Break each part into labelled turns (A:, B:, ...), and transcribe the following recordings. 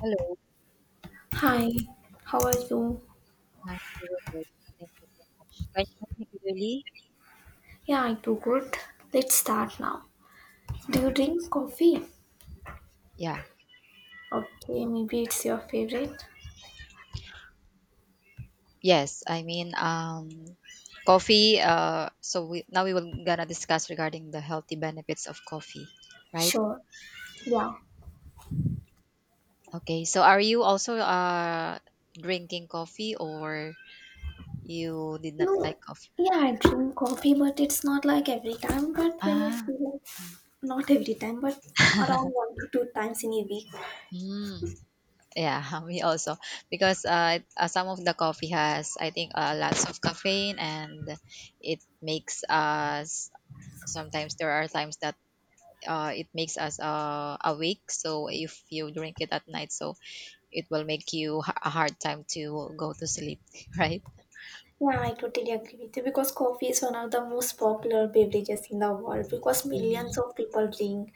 A: Hello.
B: Hi, how are you?
A: Hi, very good. Thank you so much. Can you hear me clearly?
B: Yeah, I do good. Let's start now. Do you drink coffee?
A: Yeah.
B: Okay, maybe it's your favorite.
A: Yes. Coffee. So we now we will gonna discuss regarding the healthy benefits of coffee, right?
B: Sure. Yeah.
A: Okay. So are you also drinking coffee or you did not
B: No.
A: like coffee?
B: Yeah, I drink coffee, but it's not like every time. But when we
A: Ah.
B: feel like, not every time, but for around one to two times in a week.
A: Mm, yeah, me also. Because some of the coffee has, I think, lots of caffeine and it makes us sometimes there are times that it makes us awake, so if you drink it at night, so it will make you a hard time to go to sleep right.
B: Yeah, I totally agree with you because coffee is one of the most popular beverages in the world because millions
A: Mm-hmm.
B: of people drink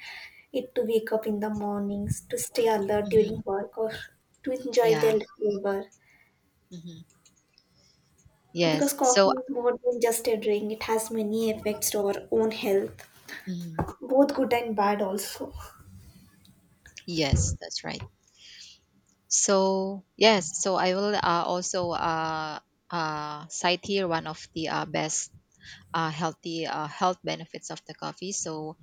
B: it to wake up in the mornings, to stay alert
A: Mm-hmm.
B: during work, or to enjoy
A: Yeah.
B: their flavor.
A: Mm-hmm.
B: Because
A: Yes,
B: coffee
A: so.
B: is more than just a drink, it has many effects to our own health,
A: Mm-hmm.
B: both good and bad, also.
A: Yes, that's right. So yes, so I will also cite here one of the best healthy health benefits of the coffee. So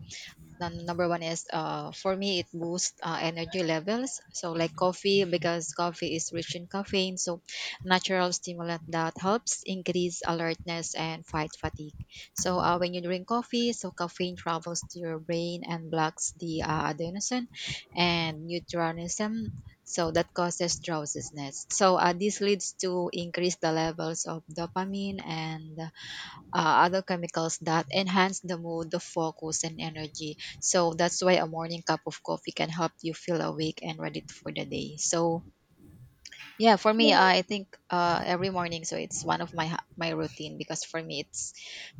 A: then number one is, for me, it boosts energy levels. So like coffee, because coffee is rich in caffeine, so natural stimulant that helps increase alertness and fight fatigue. So when you drink coffee, so caffeine travels to your brain and blocks the adenosine and neurotransmission, so that causes drowsiness. So this leads to increase the levels of dopamine and other chemicals that enhance the mood, the focus, and energy. So that's why a morning cup of coffee can help you feel awake and ready for the day. So yeah, for
B: Yeah,
A: me, I think every morning, so it's one of my my routine, because for me, it's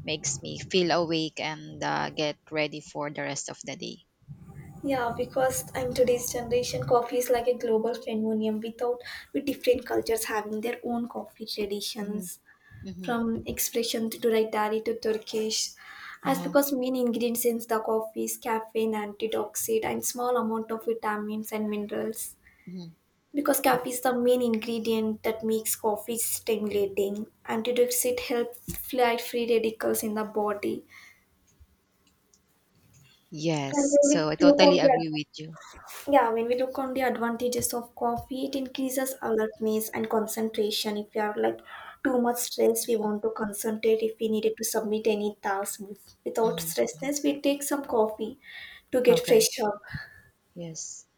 A: makes me feel awake and get ready for the rest of the day.
B: yeah, because in today's generation, coffee is like a global phenomenon without with different cultures having their own coffee
A: Mhm.
B: traditions.
A: Mhm.
B: From expression to dietary to Turkish, as
A: Uh-huh.
B: because main ingredients in the coffee is caffeine, antioxidant, and small amount of vitamins and minerals.
A: Mhm.
B: Because
A: Yeah.
B: caffeine is the main ingredient that makes coffee stimulating, antioxidant helps fight free radicals in the body. And
A: Yes,
B: when we
A: so I
B: look on
A: totally
B: the
A: agree
B: other.
A: with you.
B: Yeah, when we look on the advantages of coffee, it increases alertness and concentration. If we are like too much stress, we want to concentrate. If we needed to submit any task without
A: Hmm.
B: stressness, we take some coffee to get
A: Okay.
B: fresh up.
A: Yes.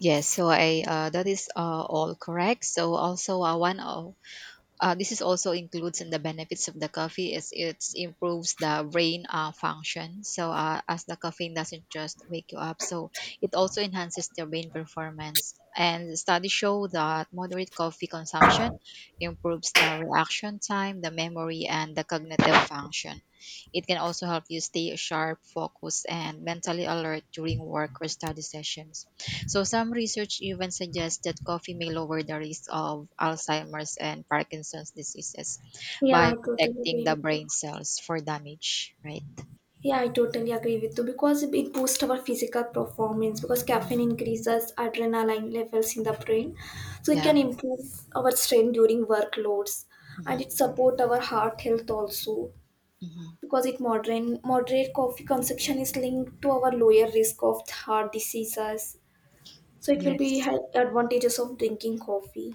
A: Yes, so I, that is all correct. So also, one of this is also includes in the benefits of the coffee is it improves the brain function. So as the caffeine doesn't just wake you up, so it also enhances the brain performance. And studies show that moderate coffee consumption improves the reaction time, the memory, and the cognitive function. It can also help you stay sharp, focused, and mentally alert during work or study sessions. So some research even suggests that coffee may lower the risk of Alzheimer's and Parkinson's diseases
B: Yeah,
A: by
B: I totally
A: protecting
B: agree
A: the
B: with you.
A: brain cells for damage, right?
B: Yeah, I totally agree with you because it boosts our physical performance because caffeine
A: Mhm.
B: increases adrenaline levels in the brain, so it can
A: Yeah.
B: improve our strength during workloads, and
A: Hmm.
B: it support our heart health also
A: Hmm.
B: because it modern moderate coffee consumption is linked to our lower risk of heart diseases, so it will be
A: Yes.
B: advantages of drinking coffee.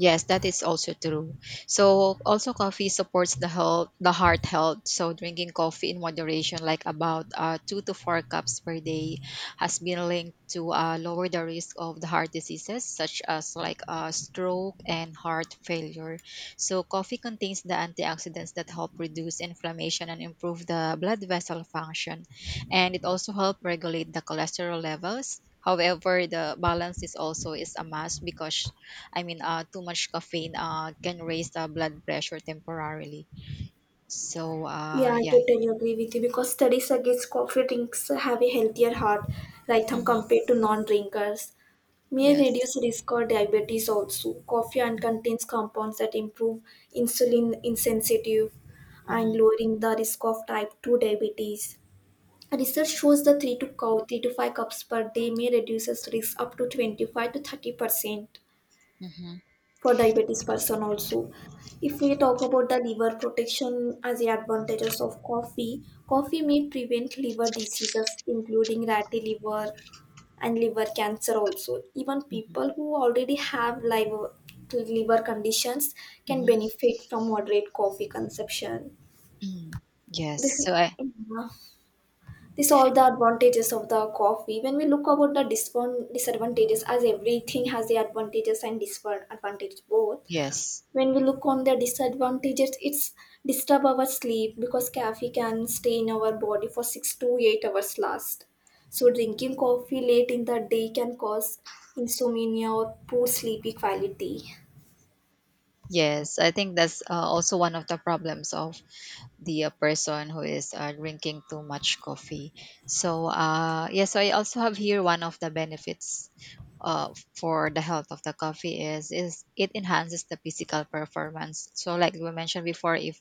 A: Yes, that is also true. So also coffee supports the health, the heart health. So drinking coffee in moderation, like about two to four cups per day, has been linked to lower the risk of the heart diseases such as like stroke and heart failure. So coffee contains the antioxidants that help reduce inflammation and improve the blood vessel function, and it also help regulate the cholesterol levels. However, the balance is also is a must, because too much caffeine can raise the blood pressure temporarily. So,
B: Yeah, I
A: yeah.
B: totally agree with you because studies against coffee drinks have a healthier heart rhythm
A: Hmm.
B: compared to non-drinkers. May reduce
A: Yes.
B: risk of diabetes also. Coffee and contains compounds that improve insulin insensitive and
A: Hmm.
B: lowering the risk of type 2 diabetes. Research shows the 3 to 5 cups per day may reduces risk up to 25 to 30%
A: Hmm.
B: for diabetes person also. If we talk about the liver protection as the advantages of coffee, coffee may prevent liver diseases including ratty liver and liver cancer also. Even
A: Hmm.
B: people who already have liver, liver conditions can benefit from moderate coffee consumption.
A: Hmm.
B: This
A: Yes.
B: is
A: So, I,
B: uh, This all the advantages of the coffee. When we look about the disadvantages, as everything has the advantages and disadvantages both.
A: yes.
B: When we look on the disadvantages, it's disturb our sleep because caffeine can stay in our body for 6 to 8 hours last. So drinking coffee late in the day can cause insomnia or poor sleepy quality.
A: Yes. I think that's also one of the problems of the person who is drinking too much coffee. So, yeah. So, I also have here one of the benefits. Uh, for the health of the coffee is it enhances the physical performance. So like we mentioned before, if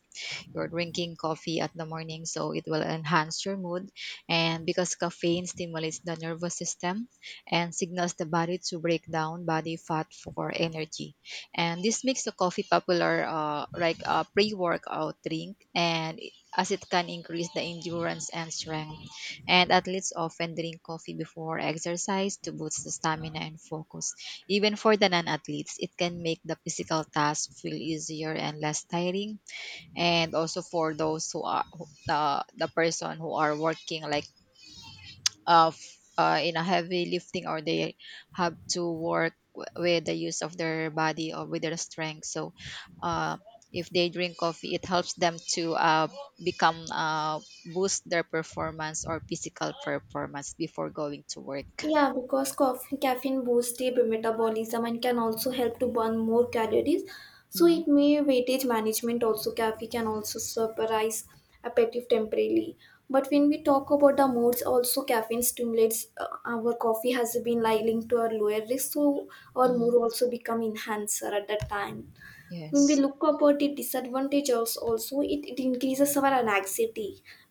A: you're drinking coffee at the morning, so it will enhance your mood. And because caffeine stimulates the nervous system and signals the body to break down body fat for energy. And this makes the coffee popular, like a pre workout drink, as it can increase the endurance and strength. And athletes often drink coffee before exercise to boost the stamina and focus. Even for the non athletes, it can make the physical task feel easier and less tiring, and also for those who, the person who are working like in a heavy lifting, or they have to work with the use of their body or with their strength. So uh if they drink coffee, it helps them to become boost their performance or physical performance before going to work.
B: Yeah, because coffee, caffeine boosts the metabolism and can also help to burn more calories. So
A: Hmm.
B: it may weightage management also. Caffeine can also suppress appetite temporarily. But when we talk about the moods, also caffeine stimulates, our coffee has been like linked to our lower risk, so our mood
A: Hmm.
B: also become enhancer at that time. When we
A: Yes.
B: look about the disadvantage also, it increases our anxiety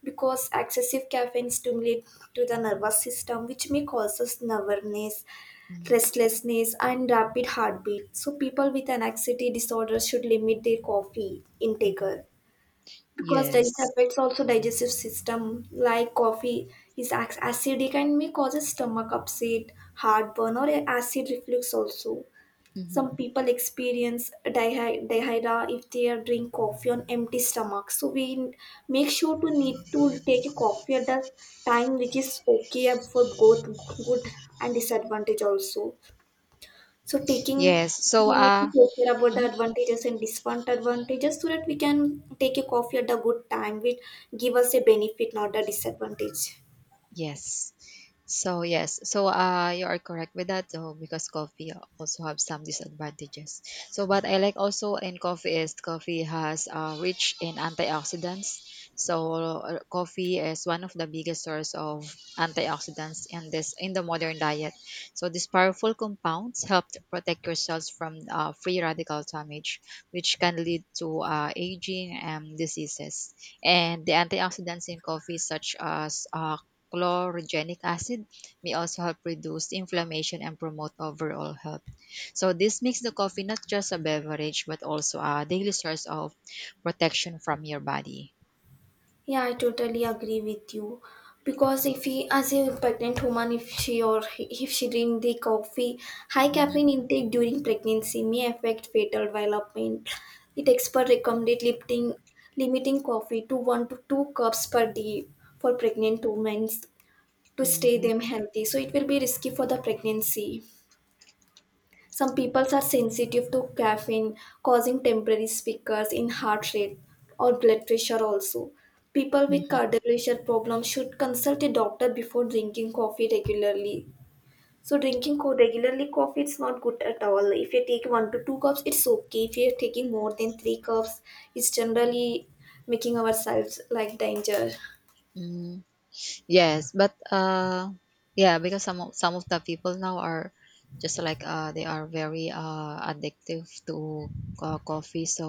B: because excessive caffeine stimulates to the nervous system which may causes nervousness,
A: Mhm.
B: restlessness, and rapid heartbeat. So people with an anxiety disorder should limit their coffee intake
A: Mhm.
B: because this
A: Yes.
B: affects also digestive system. Like coffee is acidic and may cause stomach upset, heartburn, or acid reflux also.
A: Mhm.
B: Some people experience diarrhea if they are drink coffee on empty stomach, so make sure to need to take a coffee at the time which is okay, and for both good and disadvantage also. So taking,
A: Yes, so
B: we need to take care about the advantages and disadvantages so that we can take a coffee at the good time which give us a benefit, not a disadvantage.
A: yes. So yes, so you are correct with that, though, because coffee also have some disadvantages. So what I like also in coffee is coffee has rich in antioxidants. So coffee is one of the biggest source of antioxidants in the modern diet. So these powerful compounds help to protect your cells from free radical damage, which can lead to aging and diseases. And the antioxidants in coffee, such as chlorogenic acid, may also help reduce inflammation and promote overall health. So this makes the coffee not just a beverage but also a daily source of protection from your body.
B: Yeah, I totally agree with you. Because if he, as a pregnant woman, if she or if she drink the coffee, high
A: Mhm.
B: caffeine intake during pregnancy may affect fetal development. It expert recommended limiting coffee to one to two cups per day for pregnant women to stay
A: Mhm.
B: them healthy. So it will be risky for the pregnancy. Some people are sensitive to caffeine, causing temporary speakers in heart rate or blood pressure also. People with cardiovascular problems should consult a doctor before drinking coffee regularly. So drinking regularly coffee is not good at all. If you take one to two cups, it's okay. If you're taking more than three cups, it's generally making ourselves like danger.
A: Mhm. Yes, but yeah, because some of the people now are just like they are very addictive to coffee. So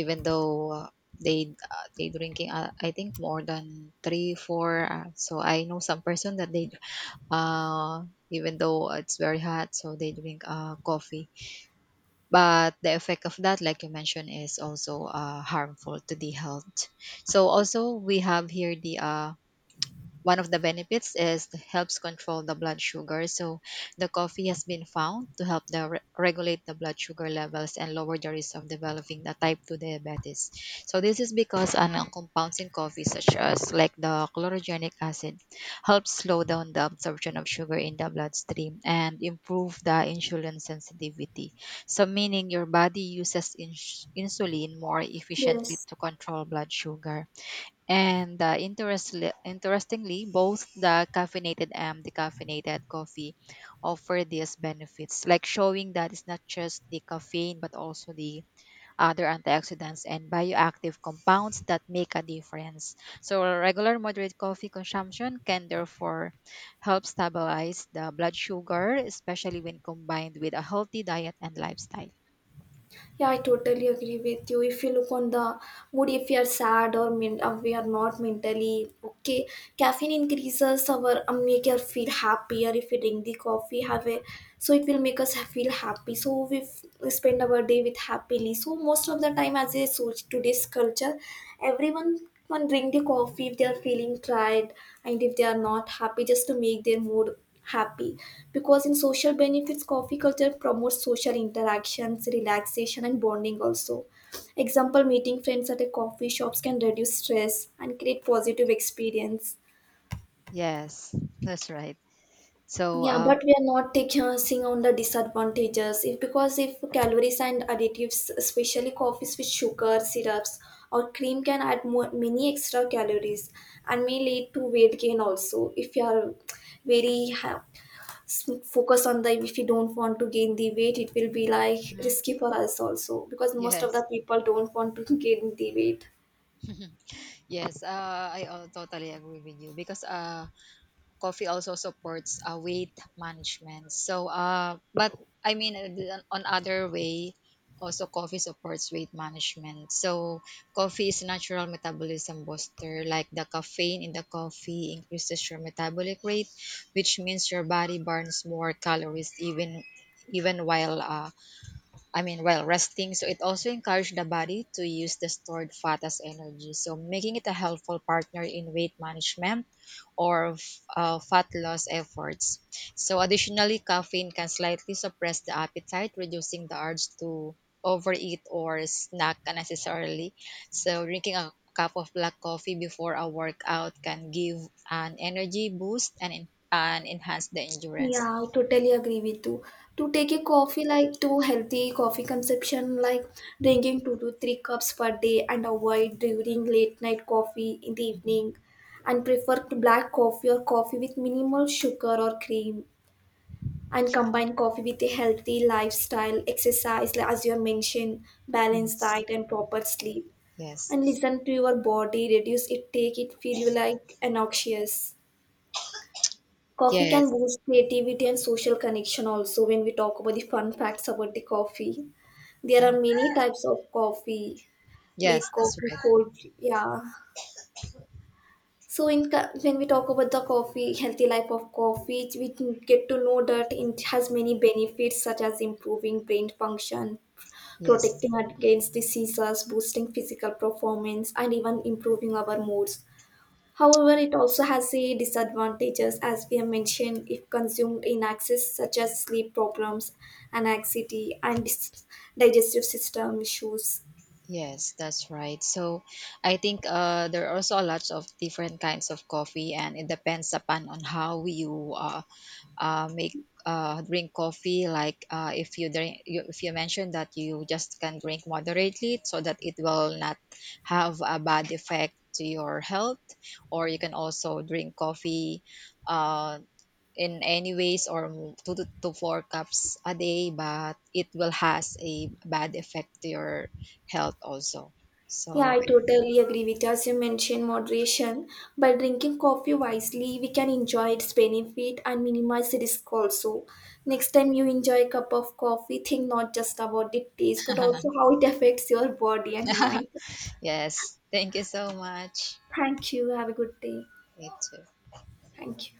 A: even though they drinking I think more than 3 4 so I know some person that they, uh, even though it's very hot, so they drink coffee. But the effect of that, like you mentioned, is also harmful to the health. So also we have here the one of the benefits is it helps control the blood sugar. So the coffee has been found to help regulate the blood sugar levels and lower the risk of developing the type 2 diabetes. So this is because an compounds in coffee, such as like the chlorogenic acid, helps slow down the absorption of sugar in the bloodstream and improve the insulin sensitivity. So meaning your body uses insulin more efficiently
B: Yes.
A: to control blood sugar. And interestingly, both the caffeinated and decaffeinated coffee offer these benefits, like showing that it's not just the caffeine, but also the other antioxidants and bioactive compounds that make a difference. So regular moderate coffee consumption can therefore help stabilize the blood sugar, especially when combined with a healthy diet and lifestyle.
B: Yeah, I totally agree with you. If you look on the mood, if you are sad or we are not mentally okay, caffeine increases our make us feel happier. If we drink the coffee, have a so it will make us feel happy. So we spend our day with happily. So most of the time, as a so today's culture, everyone can drink the coffee if they are feeling tired and if they are not happy, just to make their mood happy. Because in social benefits, coffee culture promotes social interactions, relaxation, and bonding also. Example, meeting friends at a coffee shops can reduce stress and create positive experience.
A: Yes, that's right. So,
B: Yeah, but we are not taking on the disadvantages. If because if calories and additives, especially coffees with sugar, syrups, or cream, can add more, many extra calories and may lead to weight gain also. If you are very focused on the if you don't want to gain the weight, it will be like
A: mhm,
B: risky for us also because most of the
A: yes.
B: people don't want to gain the weight.
A: Yes, I totally agree with you, because coffee also supports weight management. So, but on other way, also coffee supports weight management. So coffee is natural metabolism booster. Like the caffeine in the coffee increases your metabolic rate, which means your body burns more calories even while while resting. So it also encouraged the body to use the stored fat as energy, so making it a helpful partner in weight management or fat loss efforts. So additionally, caffeine can slightly suppress the appetite, reducing the urge to overeat or snack unnecessarily. So drinking a cup of black coffee before a workout can give an energy boost and enhance the endurance.
B: Yeah, I totally agree with you. To take a coffee like to healthy coffee consumption, like drinking two to three cups per day and avoid during late night coffee in the evening and prefer to black coffee or coffee with minimal sugar or cream and combine coffee with a healthy lifestyle, exercise like as you have mentioned, balanced
A: Yes.
B: diet and proper sleep. And
A: Yes.
B: listen to your body, reduce it, take it, feel you like anxious. Coffee can
A: Yes.
B: boost creativity and social connection also when we talk about the fun facts about the coffee. There are many types of coffee,
A: Yes,
B: late
A: that's
B: coffee,
A: right.
B: cold, yeah. So when we talk about the coffee, healthy life of coffee, we can get to know that it has many benefits such as improving brain function,
A: Yes,
B: protecting against diseases, boosting physical performance, and even improving our moods. However, it also has a disadvantages, as we have mentioned, if consumed in excess, such as sleep problems, anxiety, and digestive system issues.
A: yes, that's right. So I think there are also lots of different kinds of coffee, and it depends upon on how you, make drink coffee. Like if you drink, you, if you mentioned that you just can drink moderately, so that it will not have a bad effect to your health, or you can also drink coffee. Uh, in any ways or to four cups a day, but it will has a bad effect to your health also.
B: Yeah,
A: So
B: I totally agree with you. As you mentioned, moderation. By drinking coffee wisely, we can enjoy its benefit and minimize the risk also. Next time you enjoy a cup of coffee, think not just about the taste, but also how it affects your body and mind.
A: yes, thank you so much.
B: Thank you. Have a good day.
A: Me too.
B: Thank you.